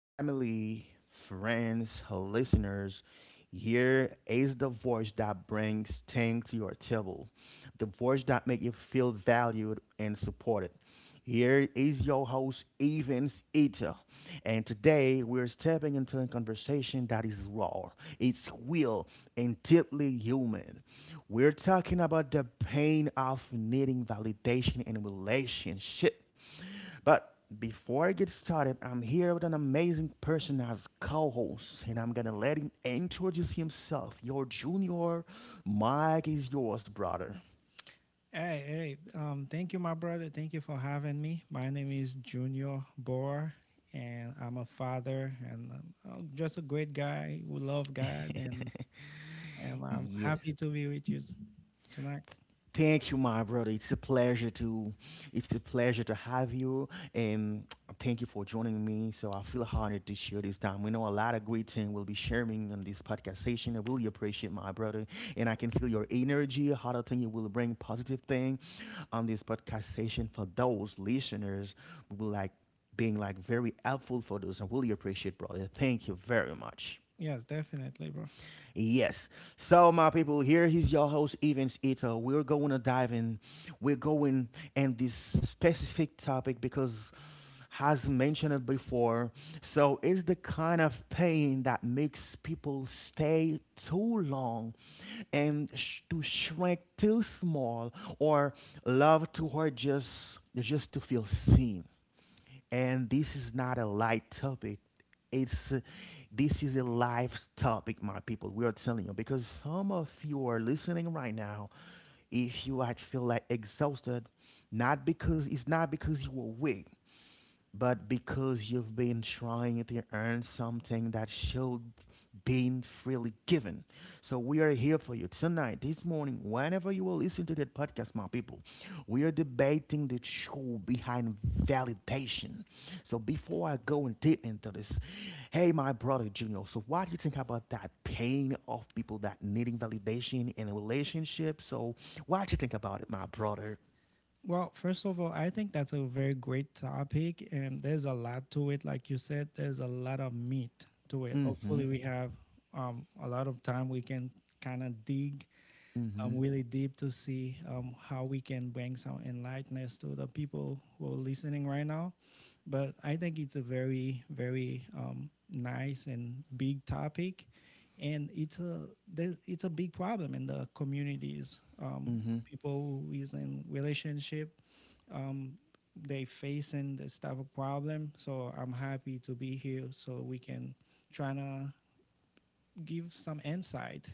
Family, friends, listeners, here is the voice that brings things to your table, the voice that makes you feel valued and supported. Here is your host, Evans Eater, and today we're stepping into a conversation that is raw, it's real, and deeply human. We're talking about the pain of needing validation in a relationship, but before I get started, I'm here with an amazing person as co-host, and I'm gonna let him introduce himself. Your junior, Mike is yours, brother. Hey, hey, thank you, my brother. Thank you for having me. My name is Junior Boer, and I'm a father and I'm just a great guy who love God, and I'm Yes. happy to be with you tonight. Thank you, my brother. It's a pleasure to have you, and thank you for joining me. So I feel honored to share this time. We know a lot of great things will be sharing on this podcast session. I really appreciate my brother, and I can feel your energy. How to think you will bring positive thing on this podcast session for those listeners who will like being like very helpful for those. I really appreciate, brother. Thank you very much. Yes, definitely, bro. Yes. So, my people, here is your host, Evans Ito. We're going to dive in. We're going in this specific topic because, has mentioned it before, so it's the kind of pain that makes people stay too long and to shrink too small or love to hurt just to feel seen, and this is not a light topic. It's This is a life topic, my people. We are telling you because some of you are listening right now. If you might feel like exhausted, not because it's not because you are weak but because you've been trying to earn something that should be freely given. So we are here for you tonight, this morning, whenever you will listen to that podcast, my people. We are debating the truth behind validation. So before I go and deep into this, hey my brother Junior, so what do you think about that pain of people that needing validation in a relationship? So what do you think about it, my brother? Well, first of all, I think that's a very great topic, and there's a lot to it. Like you said, there's a lot of meat to it. Mm-hmm. Hopefully, we have a lot of time we can kind of dig Mm-hmm. Really deep to see how we can bring some enlightenment to the people who are listening right now. But I think it's a very, very nice and big topic, and it's a big problem in the communities. Mm-hmm. People who is in relationship, um, they facing this type of problem. So I'm happy to be here so we can try to give some insight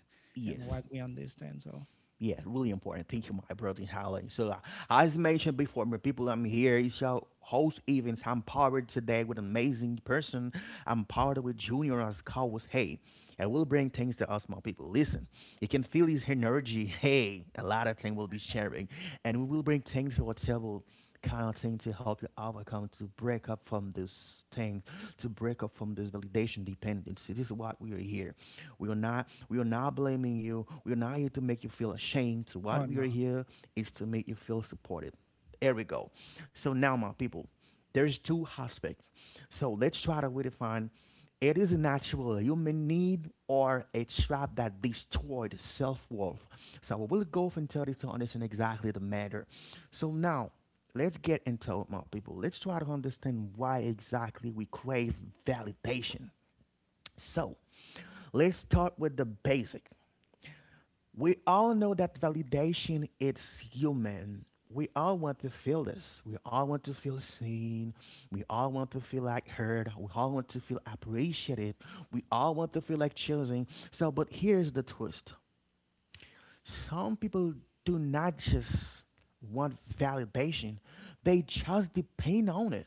and Yes. what we understand. So, Yeah, really important. Thank you, my brother, Holly. So, as mentioned before, my people, I'm here. It's your host, Evans. I'm powered today with an amazing person. I'm powered with Junior as Cowboys. Hey, and we'll bring things to us, my people. Listen, you can feel his energy. Hey, a lot of things we'll be sharing, and we will bring things to our table, kind of thing to help you overcome, to break up from this thing, to break up from this validation dependency. This is what we are here. We are not blaming you. We are not here to make you feel ashamed. So oh what we are no. here is to make you feel supported. There we go. So now my people. There's two aspects. So let's try to redefine, it is a natural human need or a trap that destroyed self-worth? So we will go from 30 to understand exactly the matter. So now let's get into it, my people. Let's try to understand why exactly we crave validation. So let's start with the basic. We all know that validation it's human. We all want to feel this. We all want to feel seen. We all want to feel like heard. We all want to feel appreciated. We all want to feel like chosen. So, but here's the twist. Some people do not just want validation. They just depend on it.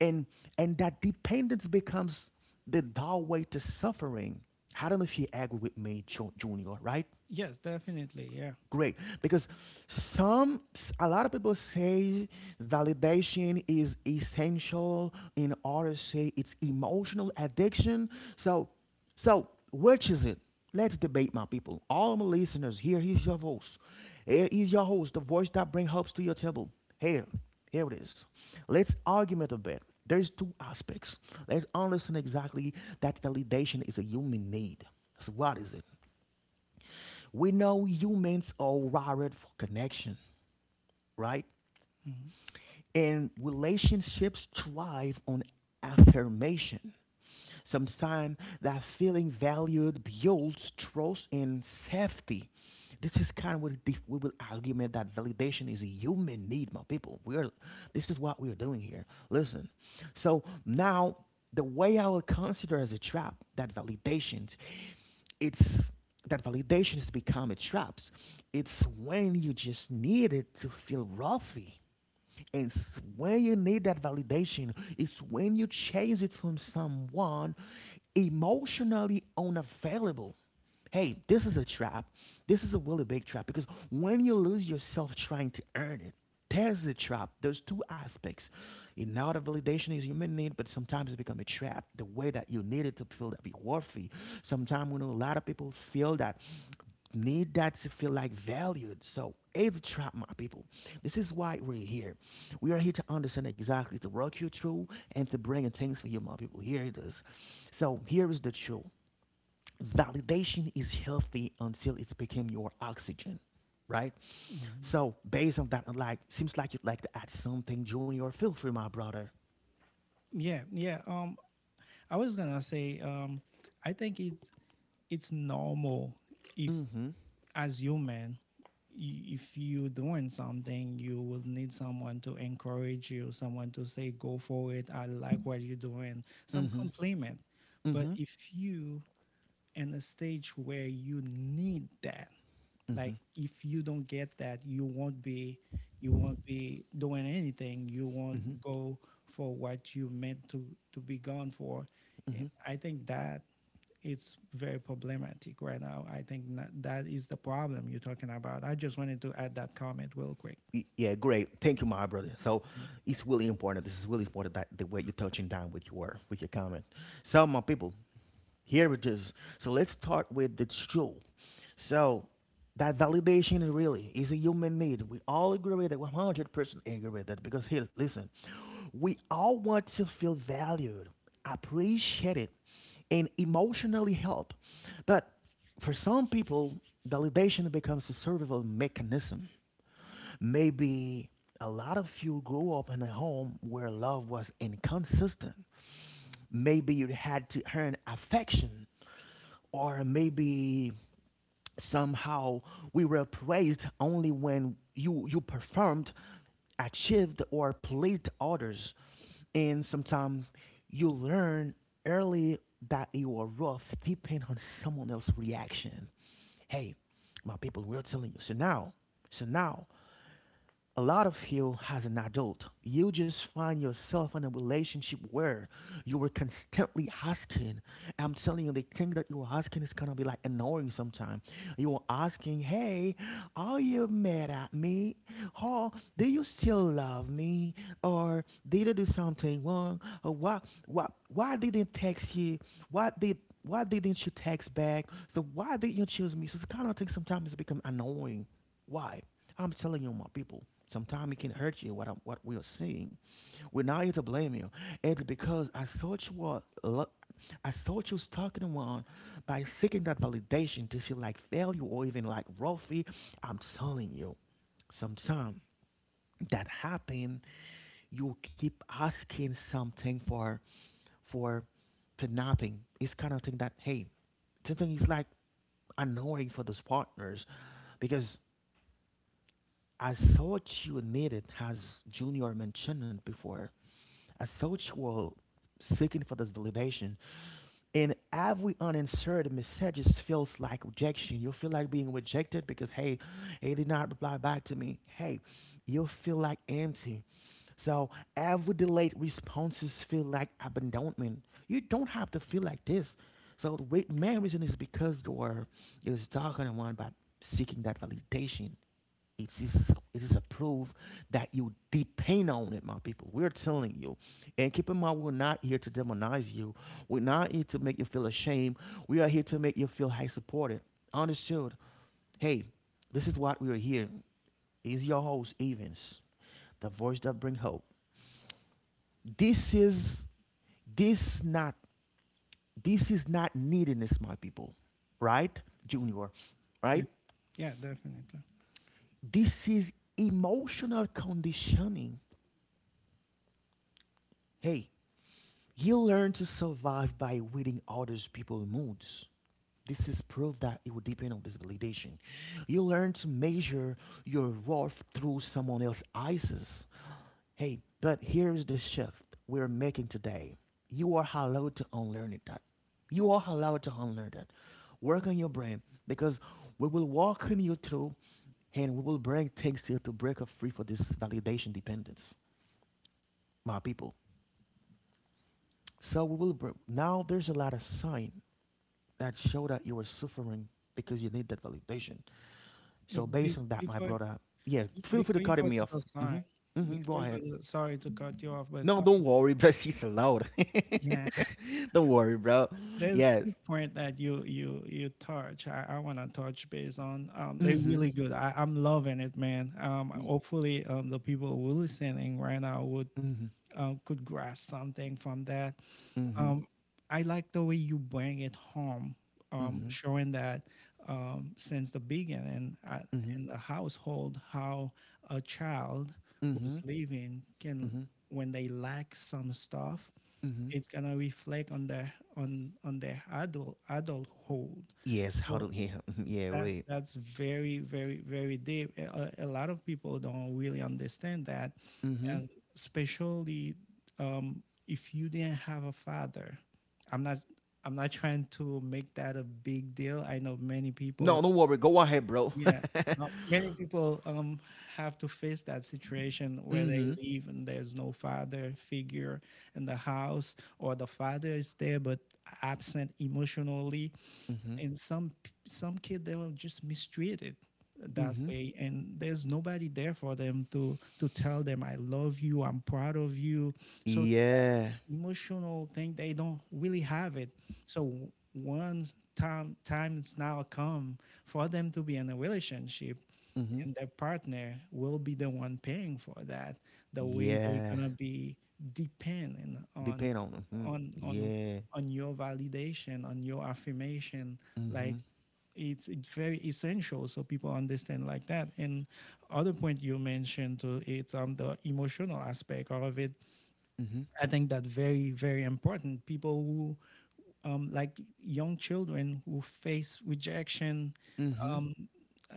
And and that dependence becomes the doorway to suffering. I don't know if you agree with me, Junior, right? Yes, definitely. Yeah. Great. Because some, a lot of people say validation is essential, in order to say it's emotional addiction. So, so which is it? Let's debate, my people. All my listeners, here is your voice. Here is your host, the voice that brings hopes to your table. Here, Here it is. Let's argument a bit. There's two aspects. Let's understand exactly that validation is a human need. So what is it? We know humans are wired for connection, right? Hmm. And relationships thrive on affirmation. Sometimes that feeling valued builds trust and safety. This is kind of what the, we will argument that validation is a human need, my people. We're This is what we're doing here. Listen, so now the way I will consider as a trap that validations, it's that validations become a traps. It's when you just need it to feel roughy and when you need that validation, it's when you chase it from someone emotionally unavailable. Hey, this is a trap. This is a really big trap because when you lose yourself trying to earn it, there's a trap. There's two aspects. You know, the validation is human need, but sometimes it becomes a trap. The way that you need it to feel that be worthy. Sometimes we know a lot of people feel that need that to feel like valued. So it's a trap, my people. This is why we're here. We are here to understand exactly to work you through and to bring in things for you, my people. Here it is. So here is the truth. Validation is healthy until it's became your oxygen, right? Hmm. So based on that, I'm like seems like you'd like to add something, Junior. Feel free, my brother. Yeah. Yeah. I was gonna say, I think it's normal if, Mm-hmm. as human, if you're doing something, you will need someone to encourage you, someone to say, "Go for it. I like what you're doing." Some Mm-hmm. compliment. But Mm-hmm. if you in a stage where you need that, Mm-hmm. like if you don't get that, you won't be doing anything, you Mm-hmm. won't go for what you meant to be gone for. And Mm-hmm. I think that it's very problematic right now. I think that is the problem you're talking about. I just wanted to add that comment real quick. Yeah, great. Thank you, my brother. So Mm. it's really important. This is really important that the way you're touching down with your comment. So my people, here it is. So let's start with the truth. So that validation is really is a human need. We all agree with that. 100% agree with that. Because hey, listen, we all want to feel valued, appreciated, and emotionally helped. But for some people, validation becomes a survival mechanism. Maybe a lot of you grew up in a home where love was inconsistent. Maybe you had to earn affection, or maybe somehow we were praised only when you performed, achieved, or pleased others. And sometimes you learn early that you are rough depending on someone else's reaction. Hey, my people, we're telling you. So now, a lot of you as an adult you just find yourself in a relationship where you were constantly asking, I'm telling you the thing that you were asking is gonna be like annoying sometimes. You were asking, hey, are you mad at me, or do you still love me, or did I do something wrong, or why didn't text you, why did why didn't you text back, so why didn't you choose me? So it's kind of thing, sometimes it's become annoying. Why? I'm telling you, my people, sometimes it can hurt you what, what we are saying. We're not here to blame you. It's because I thought you were, I thought you stuck in one by seeking that validation to feel like failure or even like Rolfie. I'm telling you, sometimes that happen, you keep asking something for, for nothing. It's kind of thing that, hey, something is like annoying for those partners because I thought you needed, as Junior mentioned it before, I thought you were seeking for this validation. And every unanswered message feels like rejection. You feel like being rejected because, hey, he did not reply back to me. Hey, you feel like empty. So every delayed responses feel like abandonment. You don't have to feel like this. So the main reason is because you are is talking about seeking that validation. It is a proof that you depend on it, my people. We're telling you. And keep in mind, we're not here to demonize you. We're not here to make you feel ashamed. We are here to make you feel high supported. Understood. Hey, this is what we are here. Is your host Evans, the voice that brings hope. This is this not this is not neediness, my people. Right, Junior. Yeah, Right. yeah, definitely. This is emotional conditioning. Hey, you learn to survive by reading others people's moods. This is proof that it will depend on this validation. You learn to measure your worth through someone else's eyes. Hey, but here's the shift we're making today. You are allowed to unlearn it. That You are allowed to unlearn that. Work on your brain because we will walk on you through, and we will bring things to you to break up free for this validation dependence, my people. So we will now there's a lot of sign that show that you are suffering because you need that validation. So based Bef- on that, my before brother, yeah, feel free to before you cut go me to off. the sign Mm-hmm. Mm-hmm. before Go you go ahead. to the, sorry to cut you off but No, don't worry, bro. She's loud. yeah. Don't worry, bro. There's two Yes. point that you touch. I want to touch base on. They're Mm-hmm. really good. I'm loving it, man. Hopefully, the people who are listening right now would Mm-hmm. Could grasp something from that. Mm-hmm. Um, I like the way you bring it home, showing that since the beginning, Mm-hmm. Mm-hmm. in the household, how a child Mm-hmm. who's living can, Mm-hmm. when they lack some stuff, Mm-hmm. it's gonna reflect on their on their adulthood. Yes, how do So yeah, it's yeah, that right. that's very very very deep. A lot of people don't really understand that, Mm-hmm. and especially, if you didn't have a father. I'm not I'm not trying to make that a big deal. I know many No, people. don't worry. Go ahead, bro. Yeah. Many people have to face that situation where they mm-hmm. leave and there's no father figure in the house, or the father is there but absent emotionally. Mm-hmm. And some kid they were just mistreated that Mm-hmm. way, and there's nobody there for them to tell them, "I love you, I'm proud of you." So Yeah. emotional thing they don't really have it. So one times now come for them to be in a relationship, Mm-hmm. and their partner will be the one paying for that, the way they're Yeah, gonna be dependent depend on. Hmm. on on Yeah. on your validation, on your affirmation, like Mm-hmm. it's very essential so people understand like that. And other point you mentioned too, it's the emotional aspect of it. Mm-hmm. I think that very very important. People who, like young children who face rejection, Mm-hmm. um,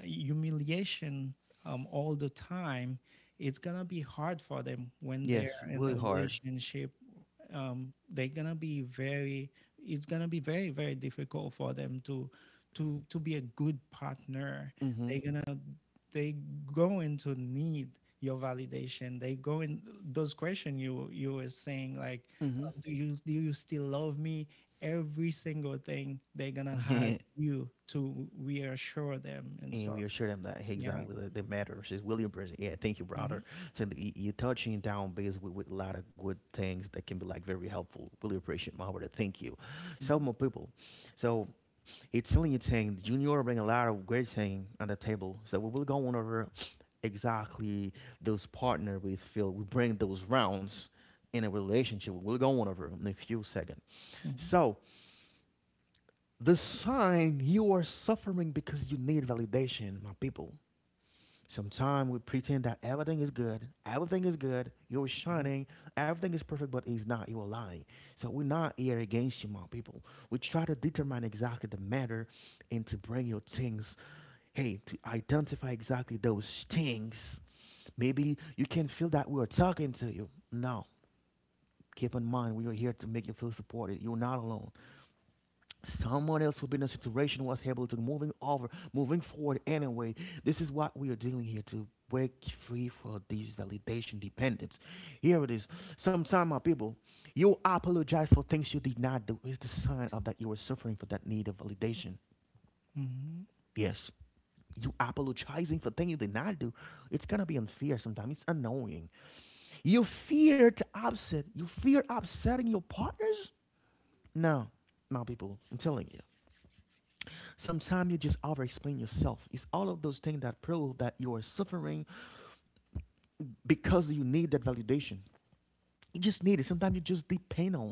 humiliation, all the time, it's gonna be hard for them when they're Yes, in a really hard. relationship. They're gonna be very. It's gonna be very very difficult for them to be a good partner. Mm-hmm. They're gonna they going to need your validation. They go in those questions you were saying, like, do you still love me? Every single thing they're gonna have Mm-hmm. you to reassure them and And we stuff. assure them that hey, Yeah. exactly that the matter is really Bridges. Yeah, thank you, Hmm. brother. So you're touching down base with a lot of good things that can be like very helpful. Really appreciate my brother. Thank you. So more Hmm. people. So, it's Italian team, Junior bring a lot of great team on the table. So we will go on over exactly those partner we feel we bring those rounds in a relationship. We'll go on over in a few seconds. Hmm. So the sign you are suffering because you need validation, my people. Sometimes we pretend that everything is good, you're shining, everything is perfect, but it's not, you're lying. So we're not here against you, my people. We try to determine exactly the matter and to bring your things. Hey, to identify exactly those things. Maybe you can feel that we are talking to you. Now, keep in mind we are here to make you feel supported. You're not alone. Someone else who been in a situation was able to moving over, moving forward anyway. This is what we are doing here to break free for these validation dependence. Here it is. Sometimes my people, you apologize for things you did not do. It's the sign of that you were suffering for that need of validation. Hmm. Yes. You apologizing for things you did not do, it's gonna be unfair sometimes. It's annoying. You fear to upset. You fear upsetting your partners. No, my people, I'm telling you. Sometimes you just over-explain yourself. It's all of those things that prove that you are suffering because you need that validation. You just need it. Sometimes you just depend on.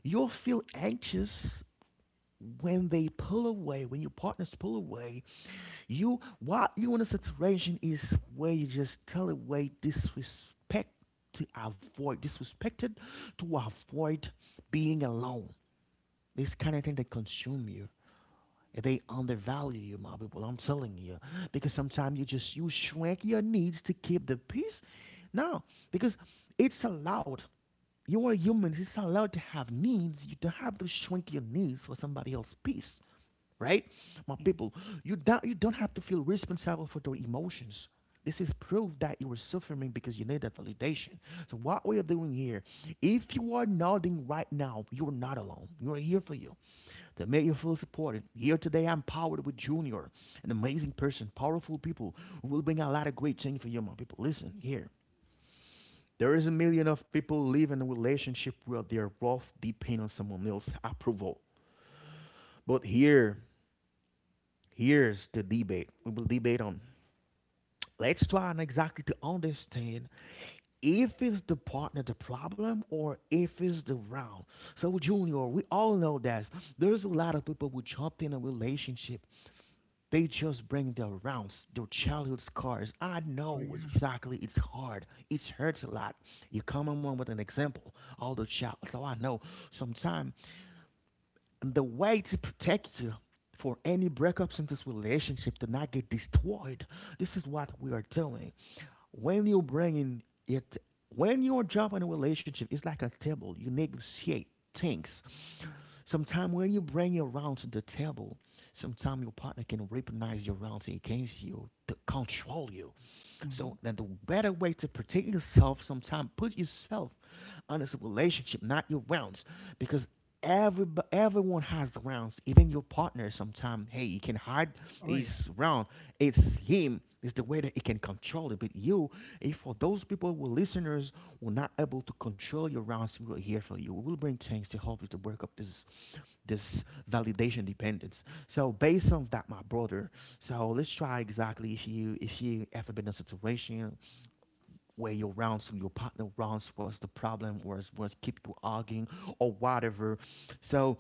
You'll feel anxious when they pull away, when your partners pull away. You while you in a situation is where you just tell away disrespect to avoid disrespected to avoid being alone. This kind of thing that consume you. They undervalue you, my people. I'm telling you. Because sometimes you just you shrink your needs to keep the peace. No, because it's allowed. You are human. It's allowed to have needs. You don't have to shrink your needs for somebody else's peace, right? My Hmm. people, you don't have to feel responsible for your emotions. This is proof that you were suffering because you need that validation. So what we are doing here, if you are nodding right now, you are not alone. You are here for you to make you feel supported. Here today, I'm powered with Junior, an amazing person, powerful people who will bring a lot of great change for you, my people. Listen here. There is a million of people living in a relationship where their worth depend on someone else's approval. But here, here's the debate. We will debate on. Let's try and exactly to understand if it's the partner the problem or if it's the round. So Junior, we all know that there's a lot of people who jumped in a relationship. They just bring their rounds, their childhood scars. I Oh know yeah. exactly it's hard. It hurts a lot. You come on with an example, all the child. So I know sometimes and the way to protect you for any breakups in this relationship to not get destroyed. This is what we are doing. When you're bringing it, when you're jumping in a relationship, it's like a table. You negotiate things. Sometimes when you bring your round to the table, sometimes your partner can weaponize your rounds against you to control you. So Hmm. then the better way to protect yourself sometime put yourself on this relationship, not your rounds. Because every everyone has rounds. Even your partner sometime, hey, he can hide Oh. his round. It's him. It's the way that he can control it. But you, if for those people who listeners who are not able to control your rounds, we are here for you. We will bring things to help you to work up this validation dependence. So based on that, my brother, so let's try exactly if you ever been in a situation where you're around some your partner rounds what's the problem or what's keep you arguing or whatever. So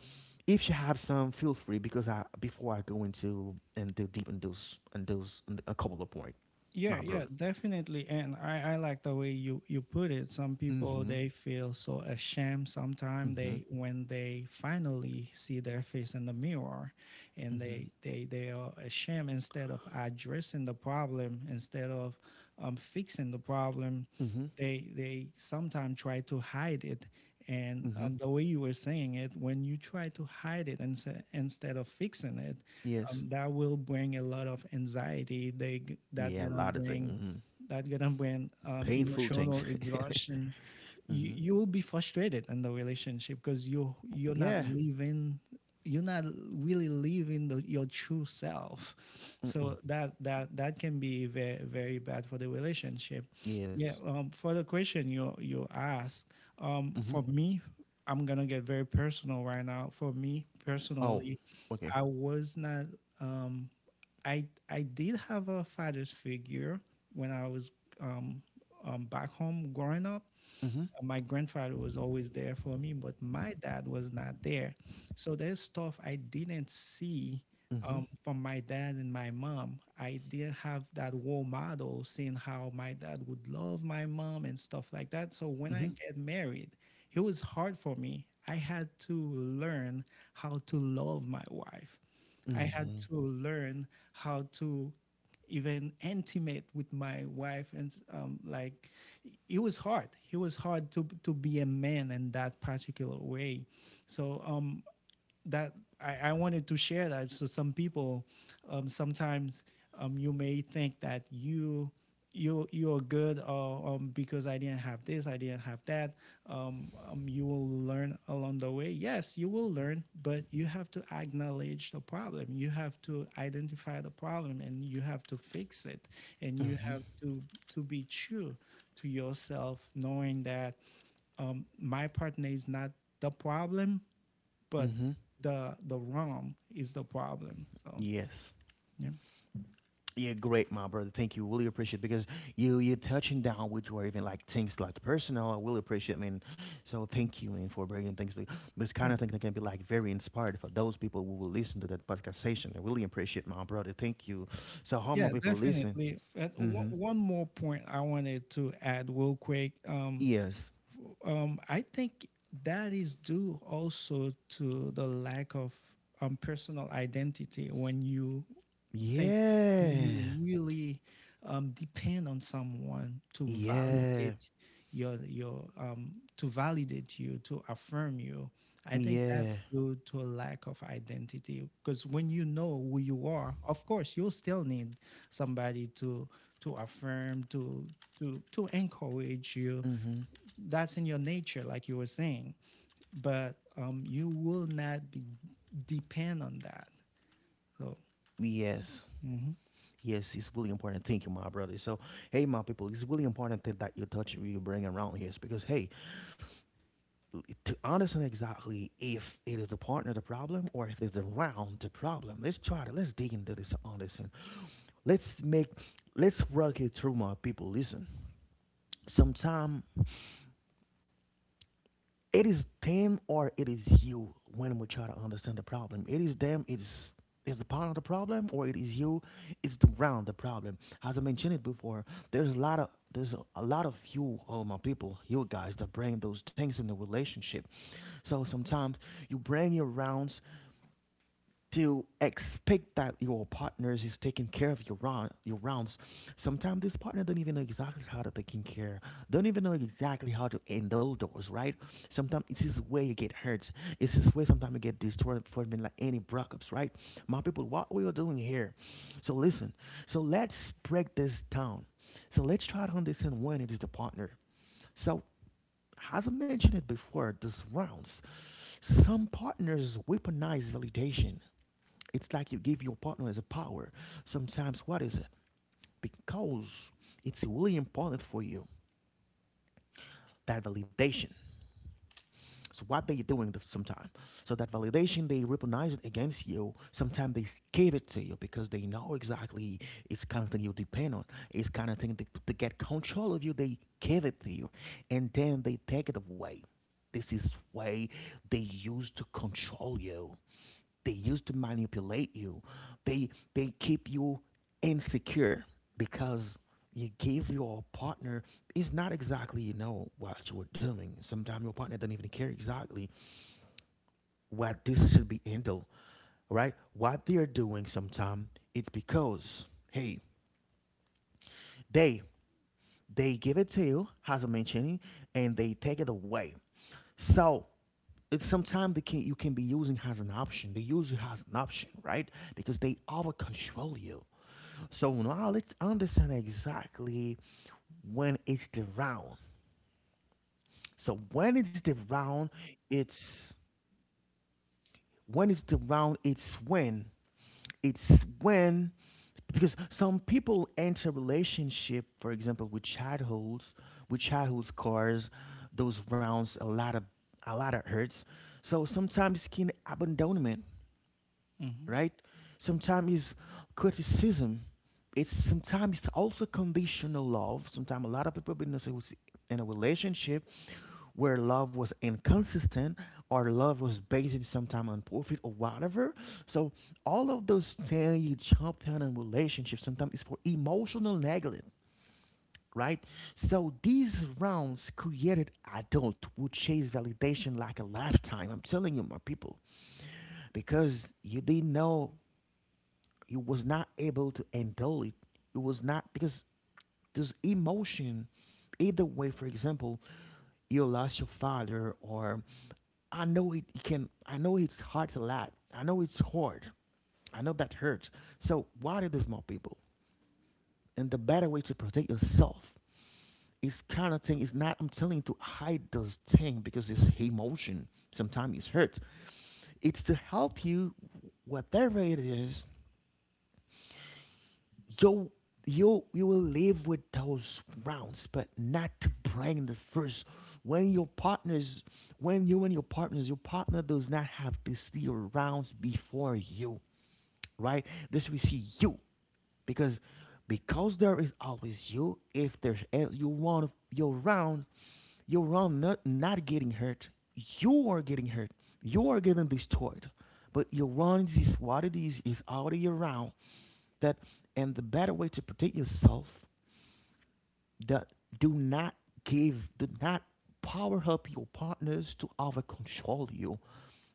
if you have some, feel free because I before I go into and do deep in those and those in a couple of points, Yeah, my yeah, brother. definitely. And I like the way you put it. Some people, Mm-hmm. they feel so ashamed sometimes. Mm-hmm. They When they finally see their face in the mirror, and Mm-hmm. they are ashamed instead of addressing the problem, instead of fixing the problem, Mm-hmm. they sometimes try to hide it. And Mm-hmm. The way you were saying it, when you try to hide it and instead of fixing it, Yes. That will bring a lot of anxiety. They that Yeah, a gonna lot of things. bring Mm-hmm. that gonna bring Painful emotional things. exhaustion. you mm-hmm. you will be frustrated in the relationship because you're not Yeah. You're not really living your true self, Mm-mm. so that can be very very bad for the relationship. Yes. Yeah. For the question you asked, Mm-hmm. for me, I'm gonna get very personal right now. For me Oh, personally, okay. I was not um, I did have a father's figure when I was um, back home growing up. Mm-hmm. My grandfather was always there for me, but my dad was not there. So there's stuff I didn't see Mm-hmm. From my dad and my mom. I didn't have that role model, seeing how my dad would love my mom and stuff like that. So when I Mm-hmm. get married, it was hard for me. I had to learn how to love my wife. I had Mm-hmm. to learn how to even intimate with my wife and like, it was hard. It was hard to be a man in that particular way. So that I wanted to share that. So some people, sometimes, you may think that you're good, because I didn't have this, I didn't have that. You will learn along the way. Yes, you will learn, but you have to acknowledge the problem. You have to identify the problem, and you have to fix it. And you Mm-hmm. have to be true to yourself, knowing that my partner is not the problem but Mm-hmm. the ROM is the problem. So Yes. yeah. Yeah, great, my brother. Thank you. Really appreciate because you touching down with or even like things like personal. I really appreciate, man. So thank you, man, for bringing things. This kind Yeah. of thing that can be like very inspired for those people who will listen to that podcast session. I really appreciate, my brother. Thank you. So how more Yeah, people listen? definitely. And one Mm-hmm. one more point I wanted to add real quick. Yes. I think that is due also to the lack of personal identity when you. I think When you Yeah. really depend on someone to Yeah. validate your to validate you, to affirm you, I think that Yeah. due to a lack of identity. Because when you know who you are, of course you'll still need somebody to affirm to. To encourage you, Mm-hmm. that's in your nature, like you were saying. But you will not be depend on that, so. Yes. Yes, it's really important. Thank you, my brother. So, hey, my people, it's really important that you touch you bring around here. It's because, hey, to understand exactly if it is the partner the problem or if it's around the problem, let's try to let's dig into this, understand. Let's let's work it through, my people. Listen, sometimes it is them or it is you when we try to understand the problem. It is them, it's is the part of the problem or it is you, it's the round the problem. As I mentioned it before, there's a lot of there's a lot of you, all my people, you guys that bring those things in the relationship. So sometimes you bring your rounds to expect that your partner is taking care of your round, your rounds. Sometimes this partner don't even know exactly how to taking care, don't even know exactly how to handle those, right? Sometimes it's this way you get hurt. It's this way sometimes you get destroyed for being like any breakups, right? My people, what we are doing here. So listen. So let's break this down. So let's try to understand when it is the partner. So as I mentioned it before, this rounds. Some partners weaponize validation. It's like you give your partner as a power. Sometimes, what is it? Because it's really important for you that validation. So what they doing the, sometime? So that validation they recognize it against you. Sometimes they give it to you because they know exactly it's kind of thing you depend on. It's kind of thing they, to get control of you. They give it to you, and then they take it away. This is way they use to control you. They used to manipulate you. They they keep you insecure because you give your partner it's not exactly you know what you were doing. Sometimes your partner doesn't even care exactly what this should be handled, right? What they're doing sometimes it's because hey they they give it to you as I mentioning and they take it away. So it's sometimes they can you can be using as an option. They use it as an option, right? Because they over control you. So now let's understand exactly when it's the round. So when it's the round, it's when it's the round, it's when because some people enter relationship, for example, with childhoods, with childhood scars, those rounds a lot of hurts. So sometimes skin abandonment, Mhm. right? Sometimes it's criticism. It's sometimes it's also conditional love. Sometimes a lot of people been in a relationship where love was inconsistent or love was based sometimes on profit or whatever. So all of those things you jump down in relationships sometimes is for emotional neglect, right? So these rounds created adult who chase validation like a lifetime. I'm telling you, my people, because you didn't know you was not able to handle it you was not because this emotion either way for example you lost your father or I know it it can I know it's hard a lot I know it's hard I know that hurts. So why do this more people and the better way to protect yourself is kind of thing is not I'm telling you to hide those thing because it's emotion sometimes it's hurt it's to help you whatever it is. You, you will live with those rounds, but not to bring in the first. When your partners, when you and your partners, your partner does not have to see your rounds before you, right? This will see you because because there is always you. If you want your round not getting hurt, you are getting hurt. You are getting destroyed, but your round is what it is. Is already around that, and the better way to protect yourself, that do not give do not power up your partners to over control you,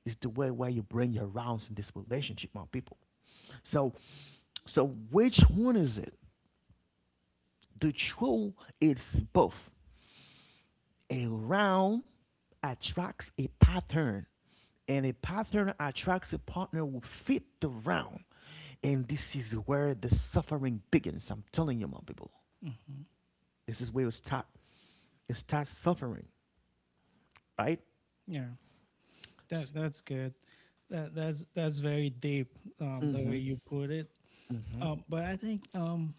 is the way where you bring your rounds in this relationship, my people. So so which one is it? The truth is both. A round attracts a pattern, and a pattern attracts a partner who fit the round, and this is where the suffering begins. I'm telling you, my people, this is where you start suffering, right? Yeah, that's good. That's very deep, the way Mm-hmm. you put it. Mm-hmm. But I think,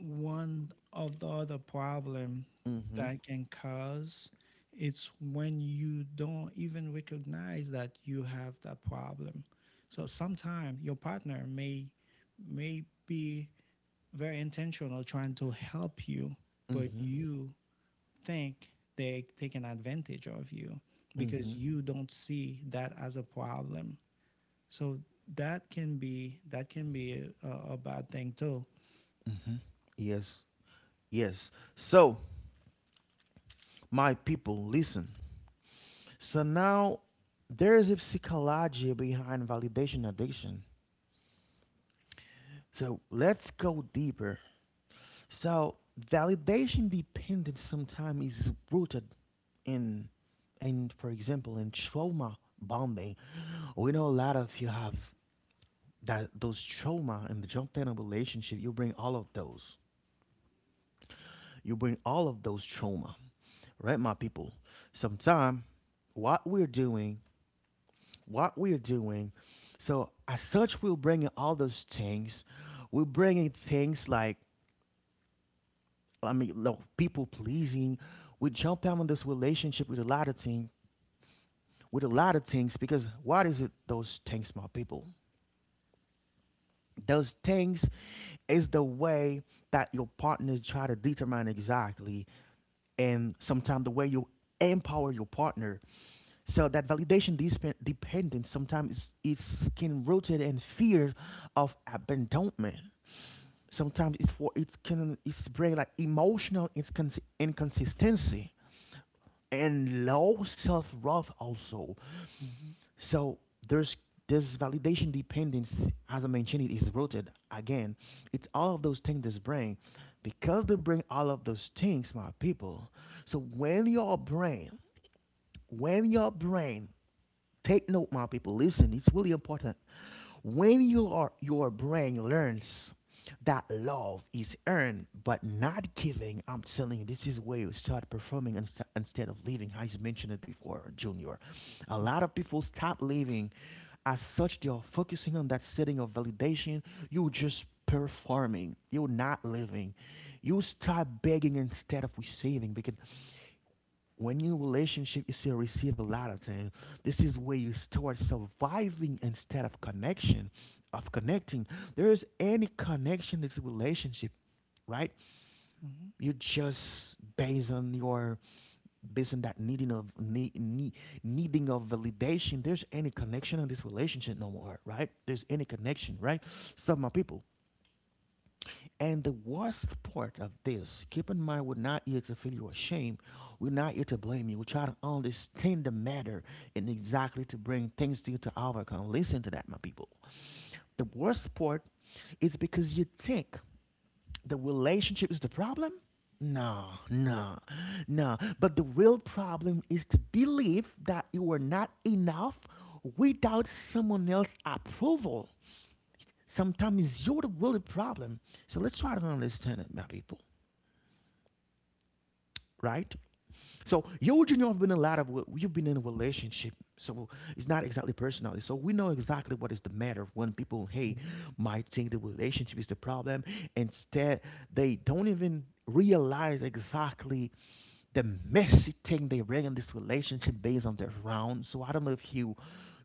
one of the other problem Mm-hmm. that can cause, it's when you don't even recognize that you have that problem. So sometimes your partner may be very intentional trying to help you, but Mm-hmm. you think they're taking advantage of you because Mm-hmm. you don't see that as a problem. So that can be a bad thing too. Mm-hmm. Yes. Yes. So, my people, listen. So now there is a psychology behind validation addiction. So let's go deeper. So validation dependence sometimes is rooted in in for example in trauma bonding. We know a lot of you have that, those trauma, and the jump in a relationship, you bring all of those. You bring all of those trauma, right, my people? Sometime, what we're doing, what we're doing. So as such, we're bringing all those things. We're bringing things like, I mean, like people pleasing. We jump down in this relationship with a lot of things, with a lot of things, because what is it? Those things, my people, those things is the way that your partners try to determine exactly, and sometimes the way you empower your partner. So that validation dependence sometimes it's can rooted in fear of abandonment. Sometimes it's for it can it's bring like emotional inconsistency and low self-worth also. Mm-hmm. So there's this validation dependence, as I mentioned, it is rooted again. It's all of those things this brain, because they bring all of those things, my people. So when your brain, when your brain, take note, my people. Listen, it's really important. When you are, your brain learns that love is earned but not giving, I'm telling you, this is where you start performing instead of living. I mentioned it before, Junior. A lot of people stop living. As such, they are focusing on that setting of validation. You just performing. You're not living. You start begging instead of receiving, because when you in relationship you still receive a lot of things. This is where you start surviving instead of connection of connecting. There is any connection it's a relationship, right? Mm-hmm. You just based on that needing of needing of validation. There's any connection in this relationship no more, right? There's any connection, right? So, my people, and the worst part of this, keep in mind, we're not here to feel you ashamed. We're not here to blame you. We try to understand the matter, and exactly to bring things to you to overcome. Listen to that, my people. The worst part is because you think the relationship is the problem. No, no, no. But the real problem is to believe that you are not enough without someone else's approval. Sometimes you're the real problem. So let's try to understand it, my people, right? So you and you have been in a lot of, well, you've been in a relationship, so it's not exactly personally. So we know exactly what is the matter when people, hey, Mm-hmm. might think the relationship is the problem. Instead, they don't even realize exactly the messy thing they bring in this relationship based on their round. So I don't know if you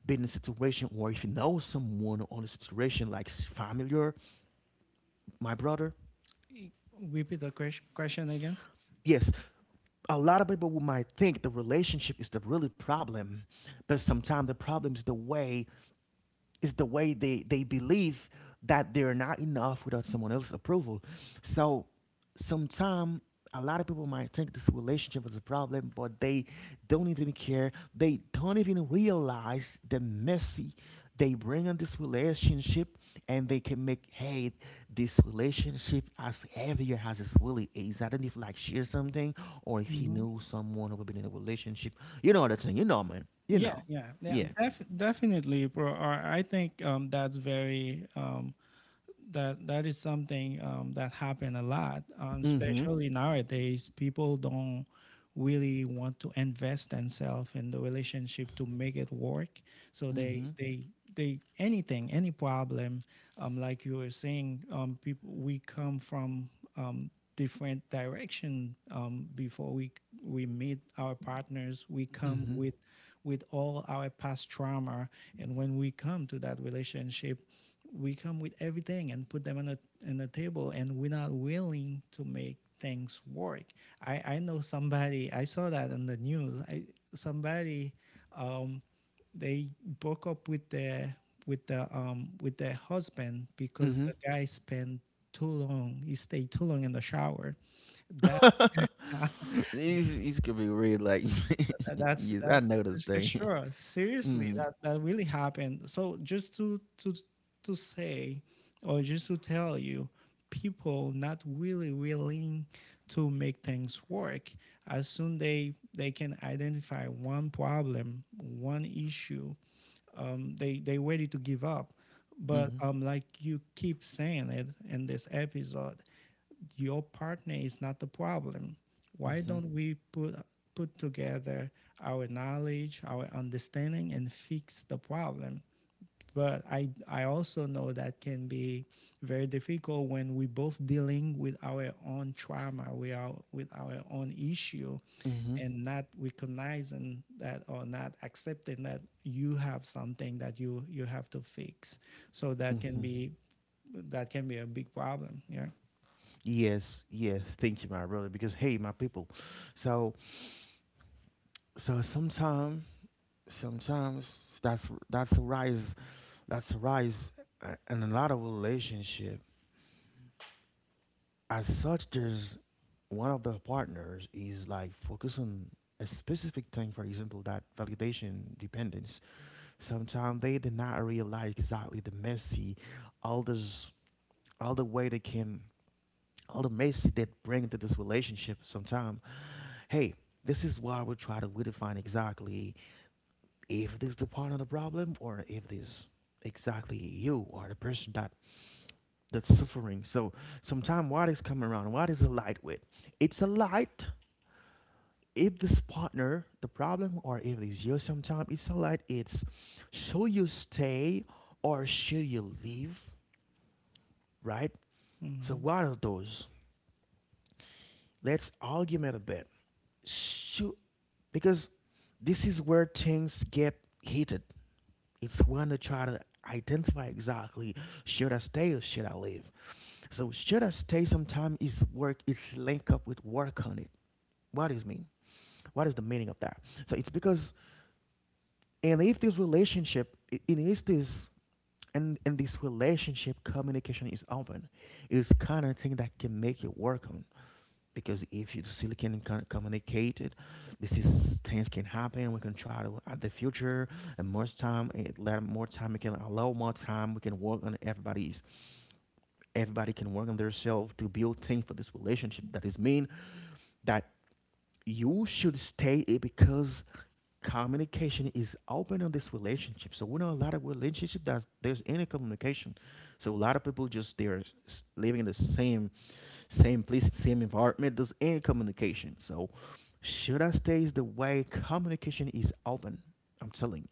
been in a situation, or if you know someone on a situation like familiar, my brother. Repeat the question again. Yes, a lot of people who might think the relationship is the really problem, but sometimes the problem is the way they believe that they're not enough without someone else's approval. So sometimes a lot of people might think this relationship is a problem, but they don't even care. They don't even realize the messy they bring in this relationship, and they can make, hey, this relationship as heavier as it really is. I don't know if like share something, or if you Mm-hmm. knew someone who had been in a relationship. You know the thing, you know man. You Yeah, know. yeah, yeah. Yeah. Definitely, bro. I think that is something that happen a lot, Mm-hmm. especially nowadays. People don't really want to invest themselves in the relationship to make it work. So Mm-hmm. they anything, any problem, like you were saying, people, we come from different direction, before we meet our partners. We come Mhm. with all our past trauma, and when we come to that relationship, we come with everything and put them on a table, and we're not willing to make things work. I know somebody, I saw that in the news. I Somebody, um, they broke up with their husband because Mhm. the guy spent too long he stayed too long in the shower. That — These could be real like That's yes, I that, know this that's for thing. sure. Seriously, Mhm. that really happened. So just to say, or just to tell you, people not really willing to make things work. As soon they can identify one problem, one issue, they ready to give up. But Mhm. Like you keep saying it in this episode, your partner is not the problem. Why Mhm. don't we put together our knowledge, our understanding, and fix the problem? But I also know that can be very difficult when we both dealing with our own trauma, we are with our own issue, Mhm. and not recognizing that or not accepting that you have something that you have to fix. So that can Mhm. be that can be a big problem. Yeah. Yes, yes. Thank you, my brother. Because, hey, my people. So, so sometimes that's a rise. That's a rise in a lot of relationship. As such, there's one of the partners is like focus on a specific thing. For example, that validation dependence. Sometimes they did not realize exactly the messy, all this, all the way they can, all the messy they bring to this relationship. Sometimes, hey, this is why we try to redefine exactly if this is the part of the problem or if this exactly you or the person that that's suffering. So sometimes what is coming around, what is a light with? It's a light if this partner the problem or if it's you. Sometimes it's a light, it's should you stay or should you leave, right? So Hmm. what are those? Let's argument a bit. Shoot, because this is where things get heated. It's when they try to identify exactly should I stay or should I leave. So should I stay sometime is work is linked up with work on it. What is mean? What is the meaning of that? So it's because, and if this relationship in is this, and in this relationship communication is open, it's kind of thing that can make it work on. Because if you still can communicate it, this is things can happen. We can try to at the future, and more time, let more time. We can allow more time. We can work on everybody's. Everybody can work on themselves to build things for this relationship. That is mean that you should stay it because communication is open on this relationship. So we know a lot of relationship that there's any communication. So a lot of people just they're living in the same place, same environment. There's any communication. So should I stay is the way communication is open. I'm telling you.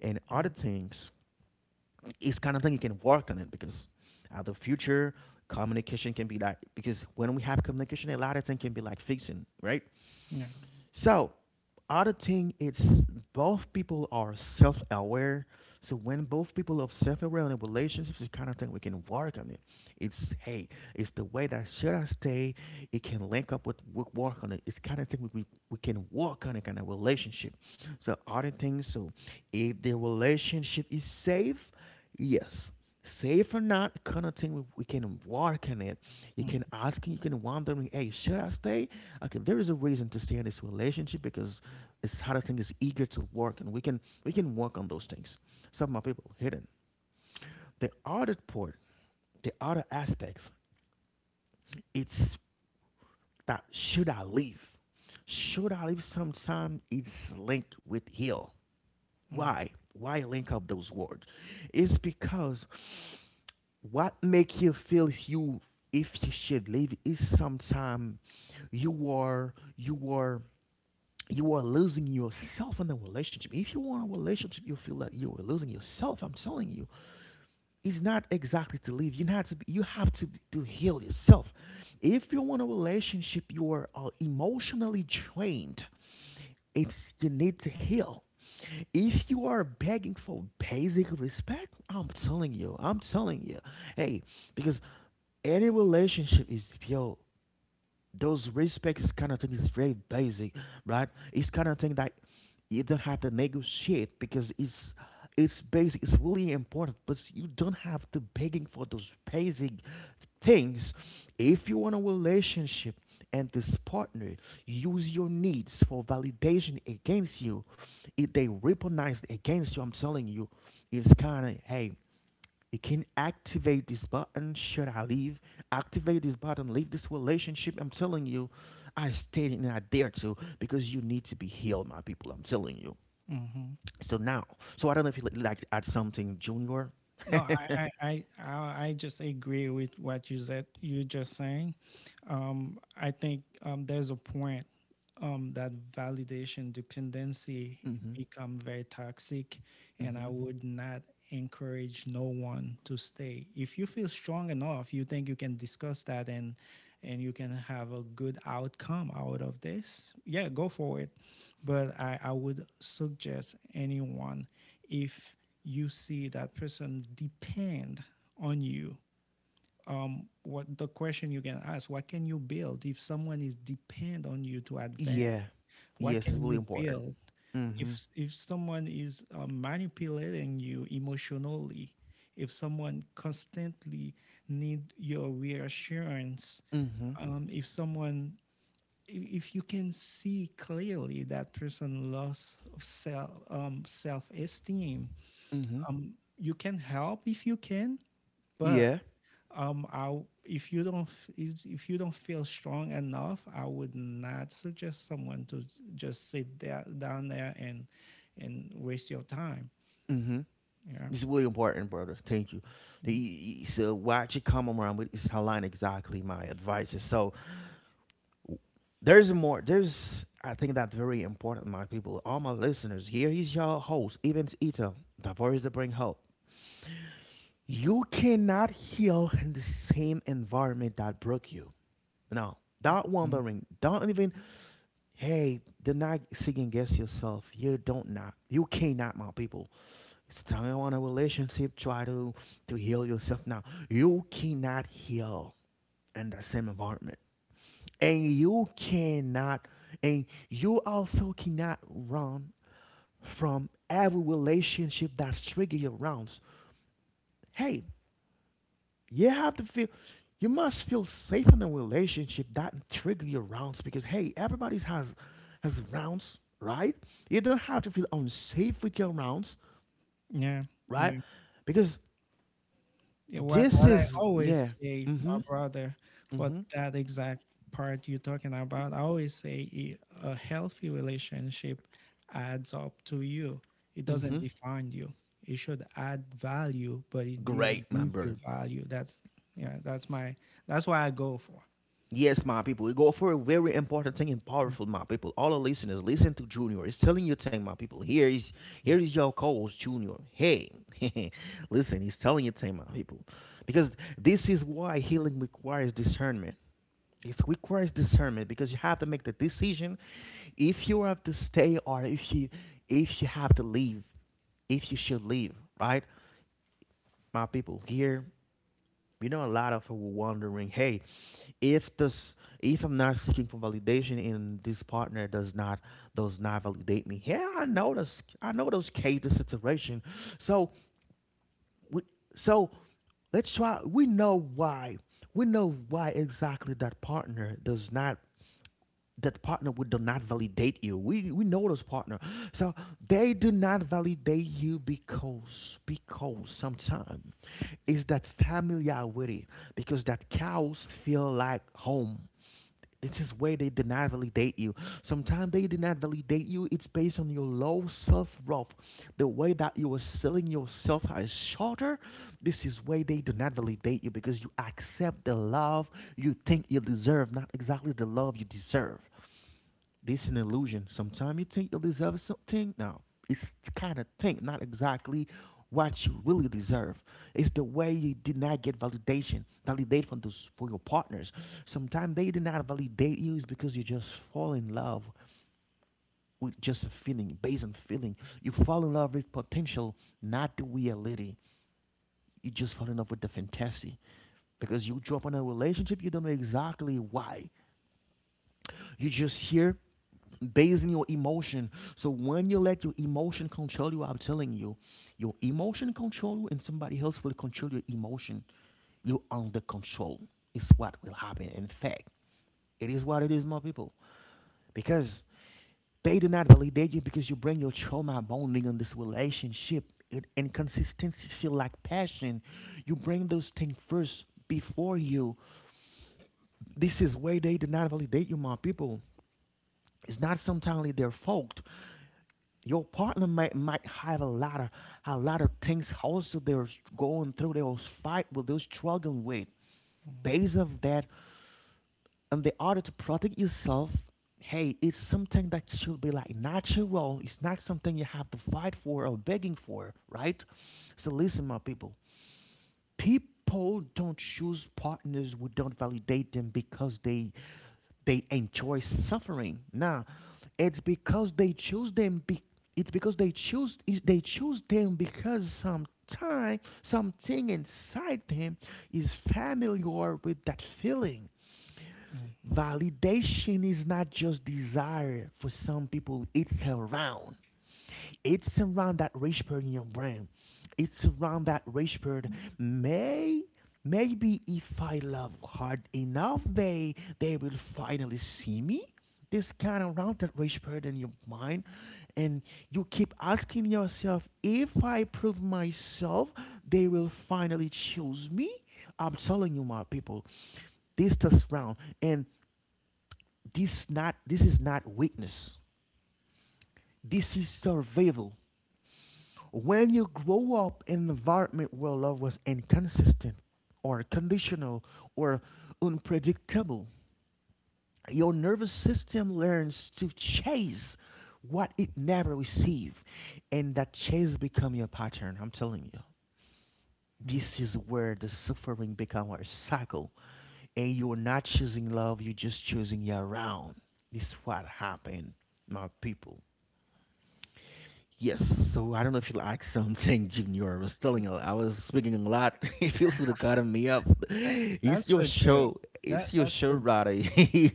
And other things, it's kind of thing you can work on it, because at the future communication can be like, because when we have communication a lot of things can be like fixing, right? Yeah. So, other thing, it's both people are self-aware. So when both people are self-aware in a relationship, it's kind of thing we can work on it. It's, hey, it's the way that should I stay. It can link up with work, on it. It's kind of thing we can work on it kind of relationship. So other things. So if the relationship is safe, yes. Safe or not, kind of thing we can work on it. You Mm, can ask, you can wondering, hey, should I stay? Okay, there is a reason to stay in this relationship because it's how the thing is eager to work, and we can work on those things. Some of my people hidden, the other part, the other aspects, it's that should I leave. Should I leave sometimes it's linked with heal. mm, Why link up those words? It's because what make you feel if you should leave is sometimes you are you are you are losing yourself in the relationship. If you want a relationship, you feel that you are losing yourself. I'm telling you, it's not exactly to leave. You have to. Be, you have to to heal yourself. If you want a relationship, you are emotionally drained. It's you need to heal. If you are begging for basic respect, I'm telling you, hey, because any relationship is yo, those respect is kind of thing is very basic, right? It's kind of thing that you don't have to negotiate because it's basic. It's really important, but you don't have to begging for those basic things. If you want a relationship and this partner use your needs for validation against you, if they weaponize against you, I'm telling you, it's kind of, hey, you can activate this button. Should I leave? Activate this button. Leave this relationship. I'm telling you, I stayed and I dare to because you need to be healed, my people. I'm telling you. mhm. So now, so I don't know if you like to add something, Junior. No, I just agree with what you said. You just saying. I think, there's a point, that validation dependency Mm-hmm. become very toxic, and I Mm-hmm. would not encourage no one to stay. If you feel strong enough, you think you can discuss that and you can have a good outcome out of this. Yeah, go for it. But I would suggest anyone if you see that person depend on you. What the question you can ask, what can you build if someone is depend on you to advance? Yeah. What Yes, it's can really you important. build if Mm-hmm. Someone is manipulating you emotionally, if someone constantly need your reassurance, Mm-hmm. If someone, if you can see clearly that person loss self, self esteem, Mm-hmm. You can help if you can, but Yeah. I if you don't is if you don't feel strong enough, I would not suggest someone to just sit there down there and waste your time. Mm-hmm. Yeah, This is really important, brother. Thank you. Mm, So what you come around with is aligned exactly my advice. So there's more. There's. I think that's very important, my people. All my listeners, here is your host, Evans Ito, the voice that bring hope. You cannot heal in the same environment that broke you. No, don't mm, wondering. Don't even. Hey, do not second guess yourself. You don't not. You cannot, my people. It's time. Starting want a relationship, try to heal yourself. Now, you cannot heal in the same environment. And you cannot, and you also cannot run from every relationship that's trigger your rounds. Hey, you have to feel, you must feel safe in a relationship that trigger your rounds because hey, everybody's has rounds, right? You don't have to feel unsafe with your rounds. yeah, Right. yeah. Because Yeah, what this what I is, yeah. always say, Mm-hmm. my brother, for Mm-hmm. that exact part you're talking about, I always say a healthy relationship adds up to you. It doesn't Mm-hmm. define you. It should add value, but it didn't Great, my give brother. you value. That's yeah, that's my That's why I go for. Yes, my people, we go for a very important thing and powerful, my people. All the listeners, listen to Junior. He's telling you thing, my people. Here is your co-host, Junior. Hey, listen, he's telling you thing, my people, because this is why healing requires discernment. It requires discernment because you have to make the decision if you have to stay or if you have to leave, if you should leave, right, my people. Here, a lot of people wondering, hey, if this, if I'm not seeking for validation and this partner does not validate me, yeah, I know this, I know those cases situation. So we, so let's try. We know why, we know why exactly that partner does not, that partner would do not validate you. We know those partner. So they do not validate you because sometimes is that familiarity, because that cows feel like home. It is where they did not validate you. Sometimes they did not validate you. It's based on your low self worth. The way that you are selling yourself as shorter, this is where they do not validate you because you accept the love you think you deserve, not exactly the love you deserve. This is an illusion. Sometimes you think you deserve something. No, it's the kind of thing, not exactly what you really deserve. It's the way you did not get validation, validate from those for your partners. Sometimes they did not validate you is because you just fall in love with just a feeling, based on feeling. You fall in love with potential, not the reality. You just fall in love with the fantasy because you drop in a relationship, you don't know exactly why. You just hear basing your emotion. So when you let your emotion control you, I'm telling you, your emotion control you and somebody else will control your emotion. You're under control. Is what will happen. In fact, it is what it is, my people. Because they do not validate you because you bring your trauma bonding on this relationship. It, inconsistency feel like passion. You bring those things first before you. This is where they do not validate you, my people. It's not sometimes their fault. Your partner might have a lot of, a lot of things also they're going through, they're fight with, they're struggling with. Mhm, Based of that, in the order to protect yourself, hey, it's something that should be like natural. It's not something you have to fight for or begging for, right? So listen, my people, people don't choose partners who don't validate them because they enjoy suffering. Now, it's because they choose them. Be, it's because they choose. They choose them because sometime something inside them is familiar with that feeling. mhm, Validation is not just desire for some people; it's around that rage bird in your brain. It's around that rage bird. May Maybe if I love hard enough, they will finally see me. This kind of round that rage bird in your mind, and you keep asking yourself, if I prove myself, they will finally choose me. I'm telling you, my people, this test round, and this is not weakness. This is survival. When you grow up in an environment where love was inconsistent or conditional or unpredictable, your nervous system learns to chase what it never received, and that chase become your pattern. I'm telling you, yeah. this is where the suffering become a cycle, and you're not choosing love, you're just choosing your round. This is what happened, my people. Yes, so I don't know if you like something, Junior. I was telling you, I was speaking a lot. Feel free to cut me up. That- It's that's your a good. show. That It's your that's show, a Roddy.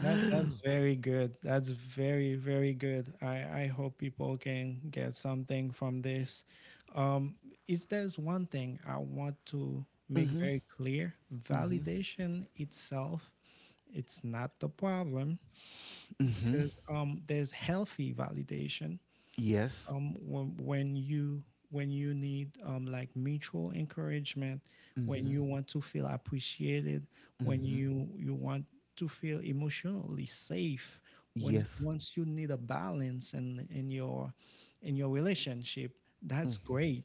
That that's very good. That's very very good. I hope people can get something from this. Um, is there's one thing I want to make Mhm, very clear? mhm, Validation itself, it's not the problem mhm. because there's healthy validation, Yes. when you, when you need like mutual encouragement, when Mhm, you want to feel appreciated, when mhm. you want to feel emotionally safe, when Yes. once you need a balance in in your relationship, that's Mhm. great.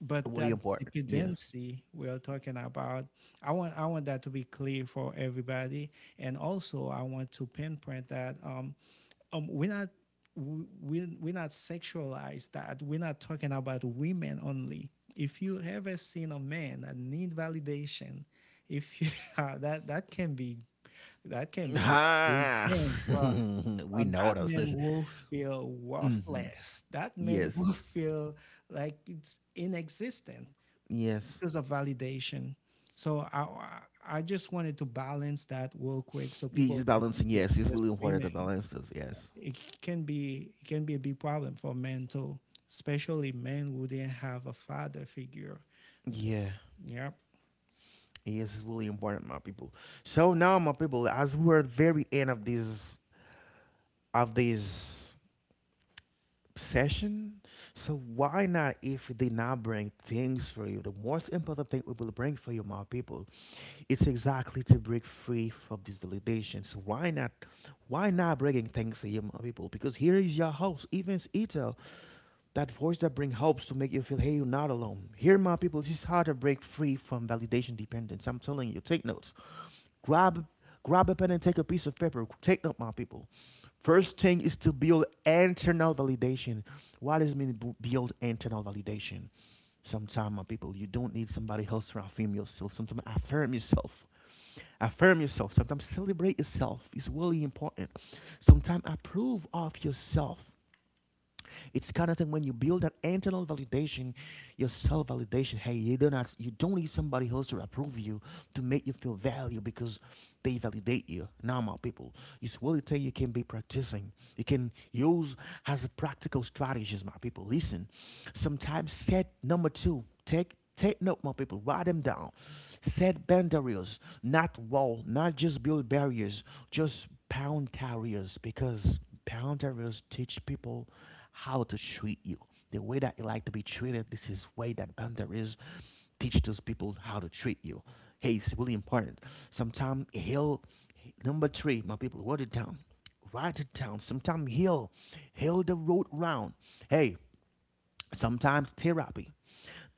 But Really that important. Yeah. dependency we are talking about, I want that to be clear for everybody, and also I want to pinpoint that we're not we're not sexualized, that we're not talking about women only. If you ever seen a man that need validation, if you that that can be a big Ha! thing, bro. We And know that man those. will feel Mhm. worthless, that man Yes. will feel like it's inexistent Yes. because of validation. So I just wanted to balance that real quick, so He's people just don't think balancing. it's Yes, it's just really important women. to balance this. Yes. It can be a big problem for men too, especially men who didn't have a father figure. Yeah. Yep. Yes, it's really important, my people. So now, my people, as we're at very end of this session, so why not if they not bring things for you? The most important thing we will bring for you, my people, it's exactly to break free from these validations. So why not? Why not bringing things to you, my people? Because here is your host, Evans Ito, that voice that brings hopes to make you feel, hey, you're not alone. Here, my people, this is how to break free from validation dependence. I'm telling you, take notes. Grab, Grab a pen and take a piece of paper. Take note, my people. First thing is to build internal validation. What does it mean build internal validation? Sometimes, my people, you don't need somebody else to affirm yourself. Sometimes affirm yourself. Affirm yourself. Sometimes celebrate yourself. It's really important. Sometimes approve of yourself. It's kind of thing when you build that internal validation, your self validation. Hey, you do not, you don't need somebody else to approve you to make you feel value because they validate you. Now, my people, it's what it take you can be practicing. You can use as a practical strategies, my people. Listen, sometimes set number two. Take note, my people. Write them down. Set boundaries, not wall, not just build barriers, just pound barriers because pound barriers teach people how to treat you. The way that you like to be treated, this is way that boundaries teach those people how to treat you. Hey, it's really important. Sometimes heal. Number three, my people, write it down. Write it down. Sometimes heal. Heal the road round. Hey, sometimes therapy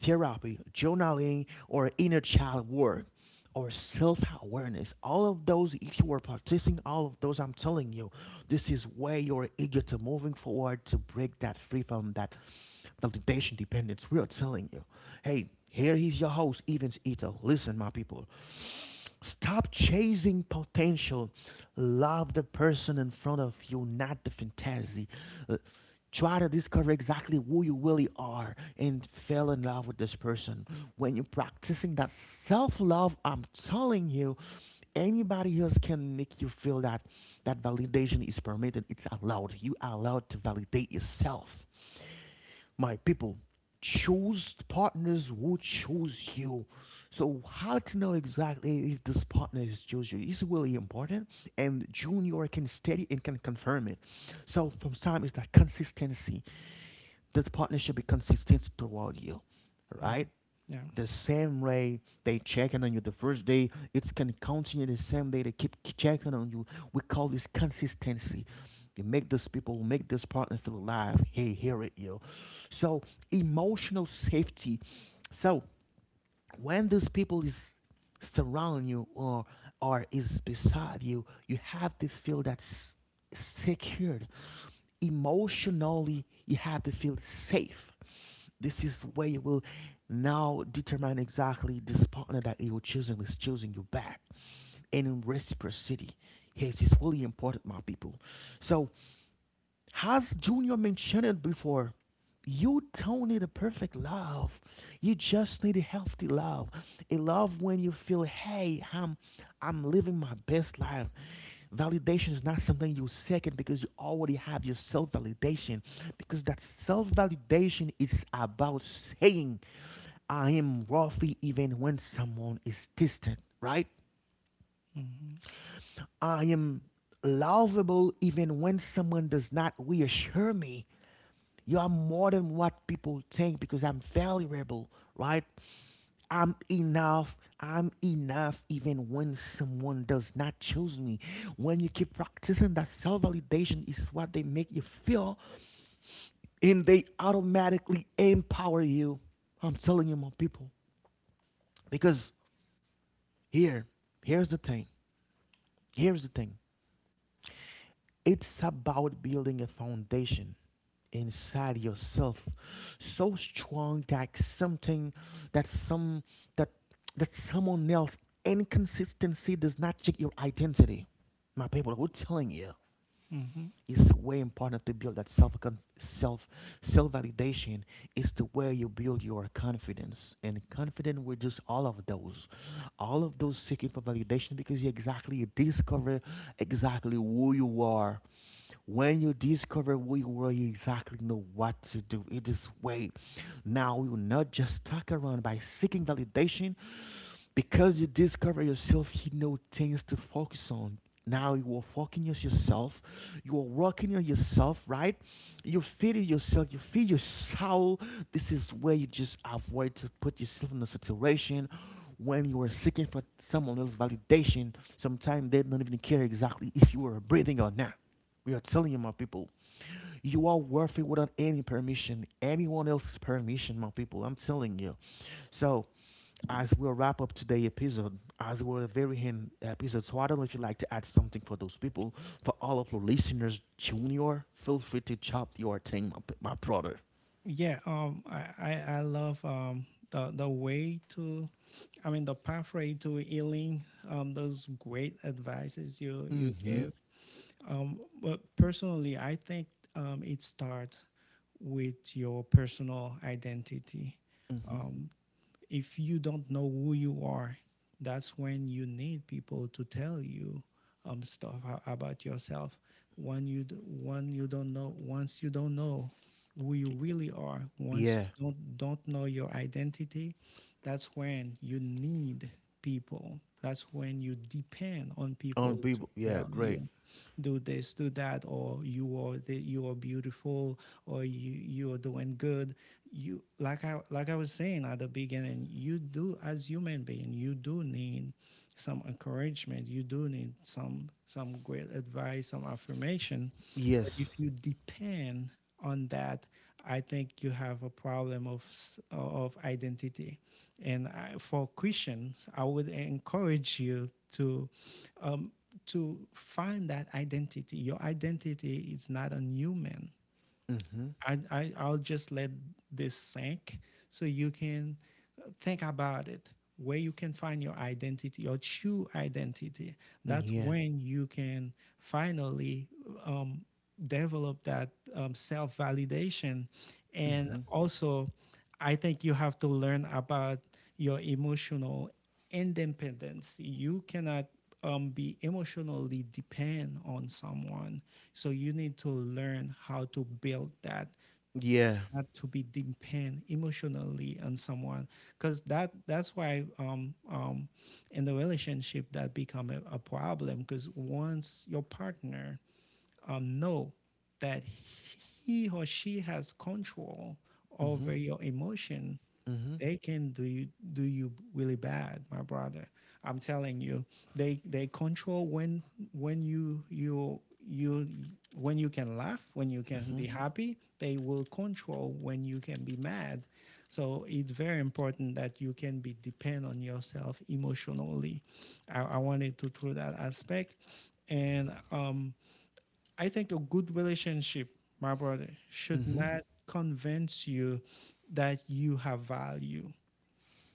therapy, journaling, or inner child work, or self awareness. All of those, if you are practicing all of those, I'm telling you, this is where you're eager to moving forward to break that free from that validation dependence. We are telling you, hey, here is your host, Evans Ito. Listen, my people. Stop chasing potential. Love the person in front of you, not the fantasy. Uh, Try to discover exactly who you really are and fell in love with this person. When you're practicing that self love, I'm telling you, anybody else can make you feel that, that validation is permitted. It's allowed. You are allowed to validate yourself. My people, choose partners who choose you. So how to know exactly if this partner is choose you is really important, and Junior can study and can confirm it. So from time is that consistency. This partnership should be consistent throughout you, right? Mhm. Yeah. The same way they checking on you the first day, it can continue the same day they keep checking on you. We call this consistency. You make those people, make this partner feel alive. Hey, hear it you. So emotional safety. So when these people is surround you, or is beside you, you have to feel that secured emotionally. You have to feel safe. This is where you will now determine exactly this partner that you're choosing is choosing you back and in reciprocity. Yes, it's really important, my people. So as Junior mentioned it before, you don't need a perfect love. You just need a healthy love. A love when you feel, hey, I'm living my best life. Validation is not something you seek it because you already have your self-validation. Because that self-validation is about saying, I am worthy even when someone is distant, right? Hmm. I am lovable even when someone does not reassure me. You are more than what people think because I'm valuable, right? I'm enough even when someone does not choose me. When you keep practicing that self validation, is what they make you feel, and they automatically empower you. I'm telling you, my people. Because here, here's the thing. Here's the thing. It's about building a foundation inside yourself so strong that something that some that that someone else inconsistency does not check your identity. My people, who's telling you? Hmm. It's way important to build that self con- self self validation. It's the way you build your confidence, and confident with just all of those seeking for validation because you discover exactly who you are. When you discover who you are, you exactly know what to do. It is way. Now you're not just stuck around by seeking validation. Because you discover yourself, you know things to focus on, now you are fucking yourself, you are working on yourself, right? You feed it yourself, you feed your soul. This is where you just avoid to put yourself in a situation when you are seeking for someone else's validation. Sometimes they don't even care exactly if you are breathing or not. We are telling you, my people, you are worth it without any permission, anyone else's permission. My people, I'm telling you. So as we'll wrap up today's episode, as we're at the very end episode, so I don't know if you'd like to add something for those people, for all of your listeners, Junior, feel free to chop your thing, my brother. Yeah, um, I love the way to, I mean, the pathway to healing, those great advices you you Mm-hmm. give, but personally I think it starts with your personal identity. Mm-hmm. Um. If you don't know who you are, that's when you need people to tell you stuff about yourself. When you don't know, once you don't know who you really are, once Yeah. you don't know your identity, that's when you need people. That's when you depend on On people to people. Yeah. tell Great. you do this, do that, or you are you are beautiful, or you are doing good. You, like, I like I was saying at the beginning, you do, as human being, you do need some encouragement. You do need some great advice, some affirmation. But if Yes. you depend on that, I think you have a problem of of identity. And I, for Christians, I would encourage you um, to find that identity. Your identity is not a human. Mm-hmm. I'll just let this sink so you can think about it, where you can find your identity, your true identity. That's Yeah. when you can finally um, develop that self-validation. And Mm-hmm. also I think you have to learn about your emotional independence. You cannot be emotionally depend on someone, so you need to learn how to build that, Yeah. not to be depend emotionally on someone, because that's why in the relationship that become a problem. Because once your partner know that he or she has control Mm-hmm. over your emotion, Mm-hmm. they can do you really bad, my brother. I'm telling you, they control when you when you can laugh, when you can Mm-hmm. be happy. They will control when you can be mad. So it's very important that you can be depend on yourself emotionally. I wanted to through that aspect, and I think a good relationship, my brother, should Mm-hmm. not convince you that you have value,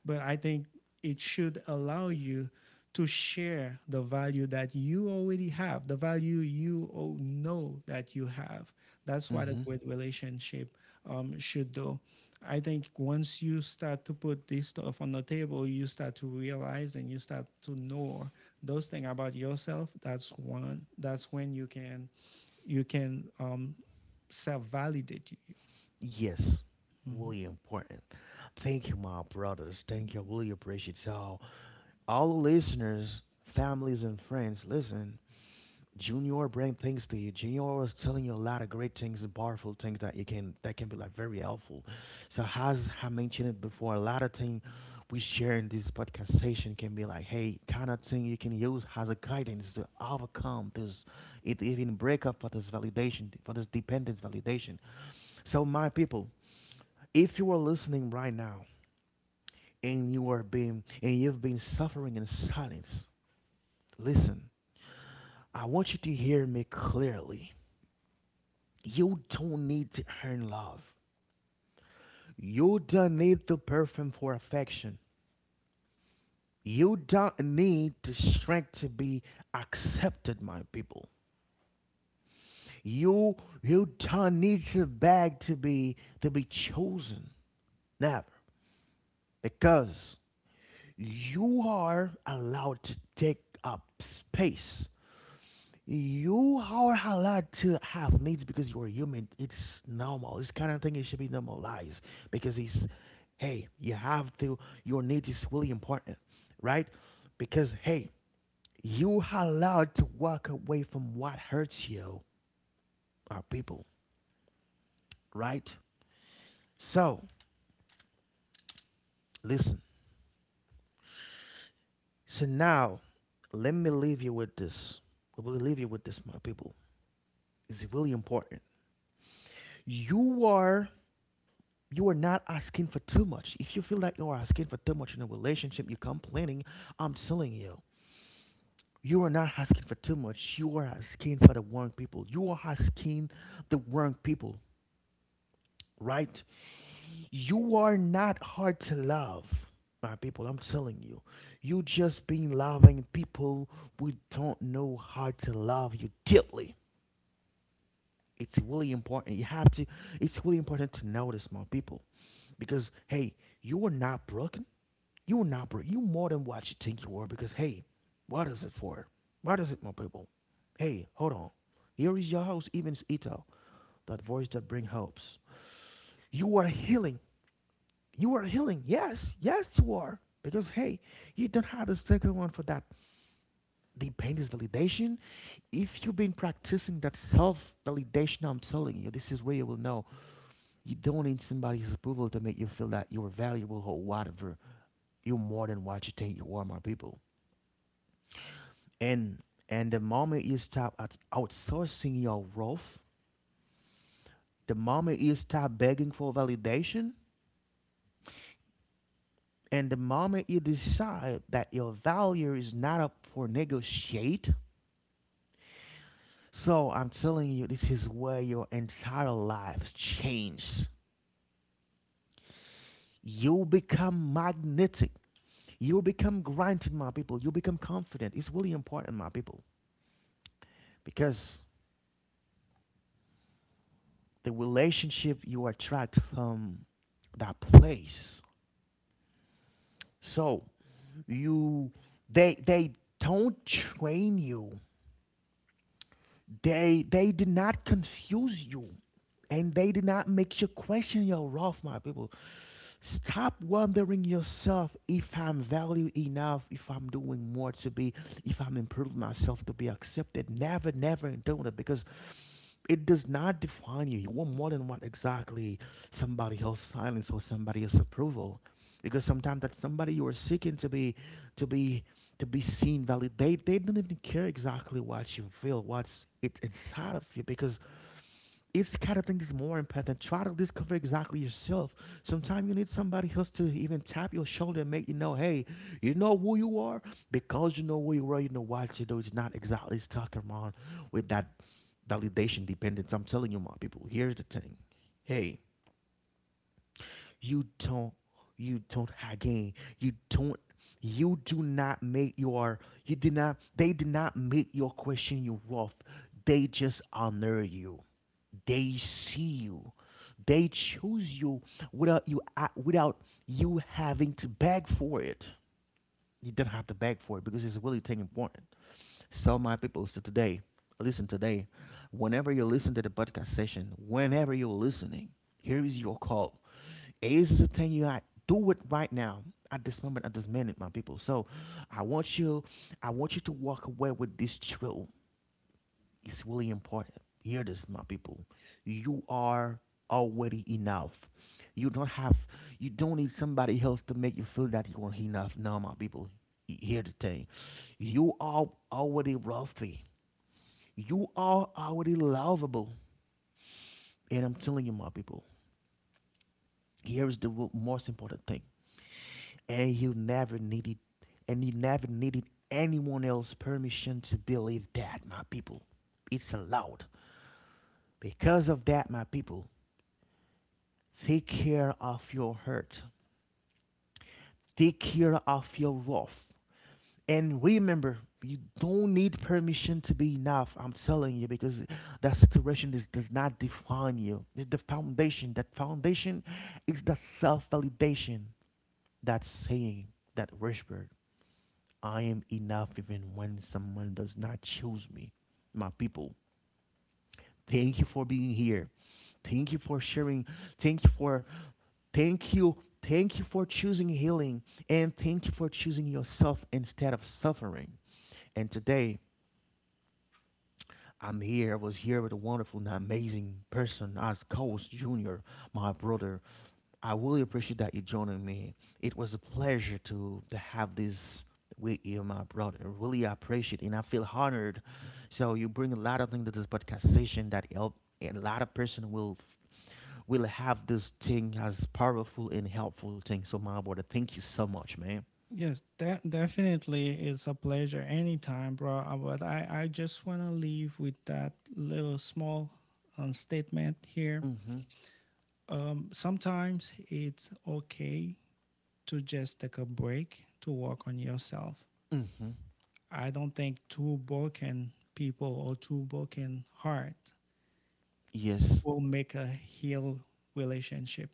but I think it should allow you to share the value that you already have, the value you know that you have. That's what a Mm-hmm. good relationship should do. I think once you start to put this stuff on the table, you start to realize and you start to know those things about yourself. That's one. That's when you can you can um, self validate you. Yes. Mhm. Really important. Thank you, my brothers. Thank you. I really appreciate it. So all the listeners, families, and friends, listen. Junior bring things to you. Junior was telling you a lot of great things and powerful things that you can that can be like very helpful. So as I mentioned it before, a lot of things we share in this podcast session can be like, hey, kind of thing you can use as a guidance to overcome this, it even break up for this validation, for this dependence validation. So my people, if you are listening right now and you are being and you've been suffering in silence, listen. I want you to hear me clearly. You don't need to earn love. You don't need the perfume for affection. You don't need the strength to be accepted, my people. You you don't need the bag to be chosen. Never. Because you are allowed to take up space. You are allowed to have needs because you are human. It's normal. This kind of thing it should be normalized, because it's, hey, you have to, your needs is really important, right? Because hey, you are allowed to walk away from what hurts you, our people, right? So listen. So now let me leave you with this. I will leave you with this, my people. It's really important. You are you are not asking for too much. If you feel that you are asking for too much in a relationship, you're complaining, I'm telling you, you are not asking for too much. You are asking for the wrong people. You are asking the wrong people, right? You are not hard to love, my people. I'm telling you. You just been loving people who don't know how to love you deeply. It's really important. You have to, it's really important to notice, my people, because hey, you are not broken. You an opera. You more than what you think you are, because hey, what is it for? What is it, my people? Hey, hold on. Here is your host, Even Ito, that voice that brings hopes. You are healing. You are healing. Yes, yes, you are. Because hey, you don't have the second one for that. Dependence validation. If you've been practicing that self-validation, I'm telling you, this is where you will know you don't need somebody's approval to make you feel that you're valuable or whatever. You're more than what you think you are, my people. And and the moment you stop outsourcing your worth, the moment you stop begging for validation, and the moment you decide that your value is not up for negotiate, so I'm telling you, this is where your entire life changes. You become magnetic. You become granted, my people. You become confident. It's really important, my people, because the relationship you attract from that place. So you, they don't train you. They did not confuse you. And they did not make you question your worth, my people. Stop wondering yourself if I'm valued enough, if I'm doing more to be, if I'm improving myself to be accepted. Never, never doing it because it does not define you. You want more than what exactly somebody else's silence or somebody else's approval. Because sometimes that somebody you are seeking to to be be seen, validate, they don't even care exactly what you feel, what's it inside of you, because it's the kind of thing that's more important. Try to discover exactly yourself. Sometimes you need somebody else to even tap your shoulder and make you know, hey, you know who you are because you know who you are. You know what to do. It's not exactly stuck around with that validation dependence. I'm telling you, my people. Here's the thing. Hey, you don't you don't again you don't you do not make your, you did not they did not make your question your worth. They just honor you, they see you, they choose you, without you having to beg for it. You don't have to beg for it because it's really thing important. So my people, so today, listen, today, whenever you listen to the podcast session, whenever you're listening, here is your call. Age is a thing you got. Do it right now, at this moment, at this minute, my people. So, I want you, I want you to walk away with this drill. It's really important. Hear this, my people. You are already enough. You don't have, you don't need somebody else to make you feel that you are enough. No, my people. Hear the thing. You are already wealthy. You are already lovable. And I'm telling you, my people, here is the most important thing. and you never needed and you never needed anyone else's permission to believe that, my people. It's allowed. Because of that, my people, take care of your hurt, take care of your wrath, and remember, you don't need permission to be enough. I'm telling you, because that situation is, does not define you. It's the foundation. That foundation is the self-validation, that saying, that whisper, I am enough even when someone does not choose me. My people, thank you for being here. Thank you for sharing. Thank you for thank you. Thank you for choosing healing, and thank you for choosing yourself instead of suffering. And today I'm here. I was here with a wonderful and amazing person as Coast Jr., my brother. I really appreciate that you joining me. It was a pleasure to have this with you, my brother. Really appreciate it, and I feel honored. So you bring a lot of things to this podcast session that help a lot of person will have this thing as powerful and helpful thing. So my brother, thank you so much, man. Yes, definitely it's a pleasure anytime, bro. But I just want to leave with that little small statement here. Mm-hmm. Sometimes it's okay to just take a break to work on yourself. Mm-hmm. I don't think two broken people or two broken heart Yes, will make a healed relationship.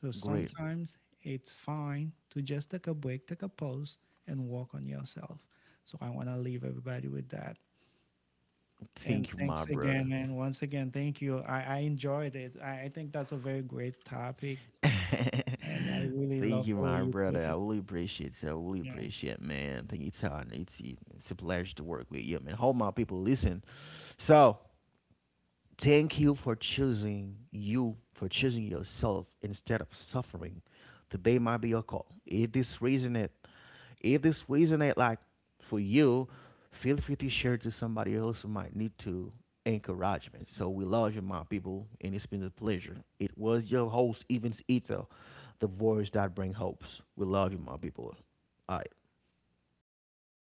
So great. sometimes it's fine to just take a break, take a pause, and work on yourself. So I want to leave everybody with that. And Thank you, my thanks brother. again, and once again, thank you. I enjoyed it. I think that's a very great topic, and I really Thank love you, the way my you put brother. I it. really appreciate it. I really Yeah. appreciate it, man. Thank you, Todd. It's a pleasure to work with you, man. Hope my people listen. So, thank you, for choosing yourself instead of suffering. Today might be your call. If this reason it, if this resonate like for you, feel free to share to somebody else who might need to encouragement. So we love you, my people, and it's been a pleasure. It was your host, Evans Ito, the voice that brings hopes. We love you, my people. All right.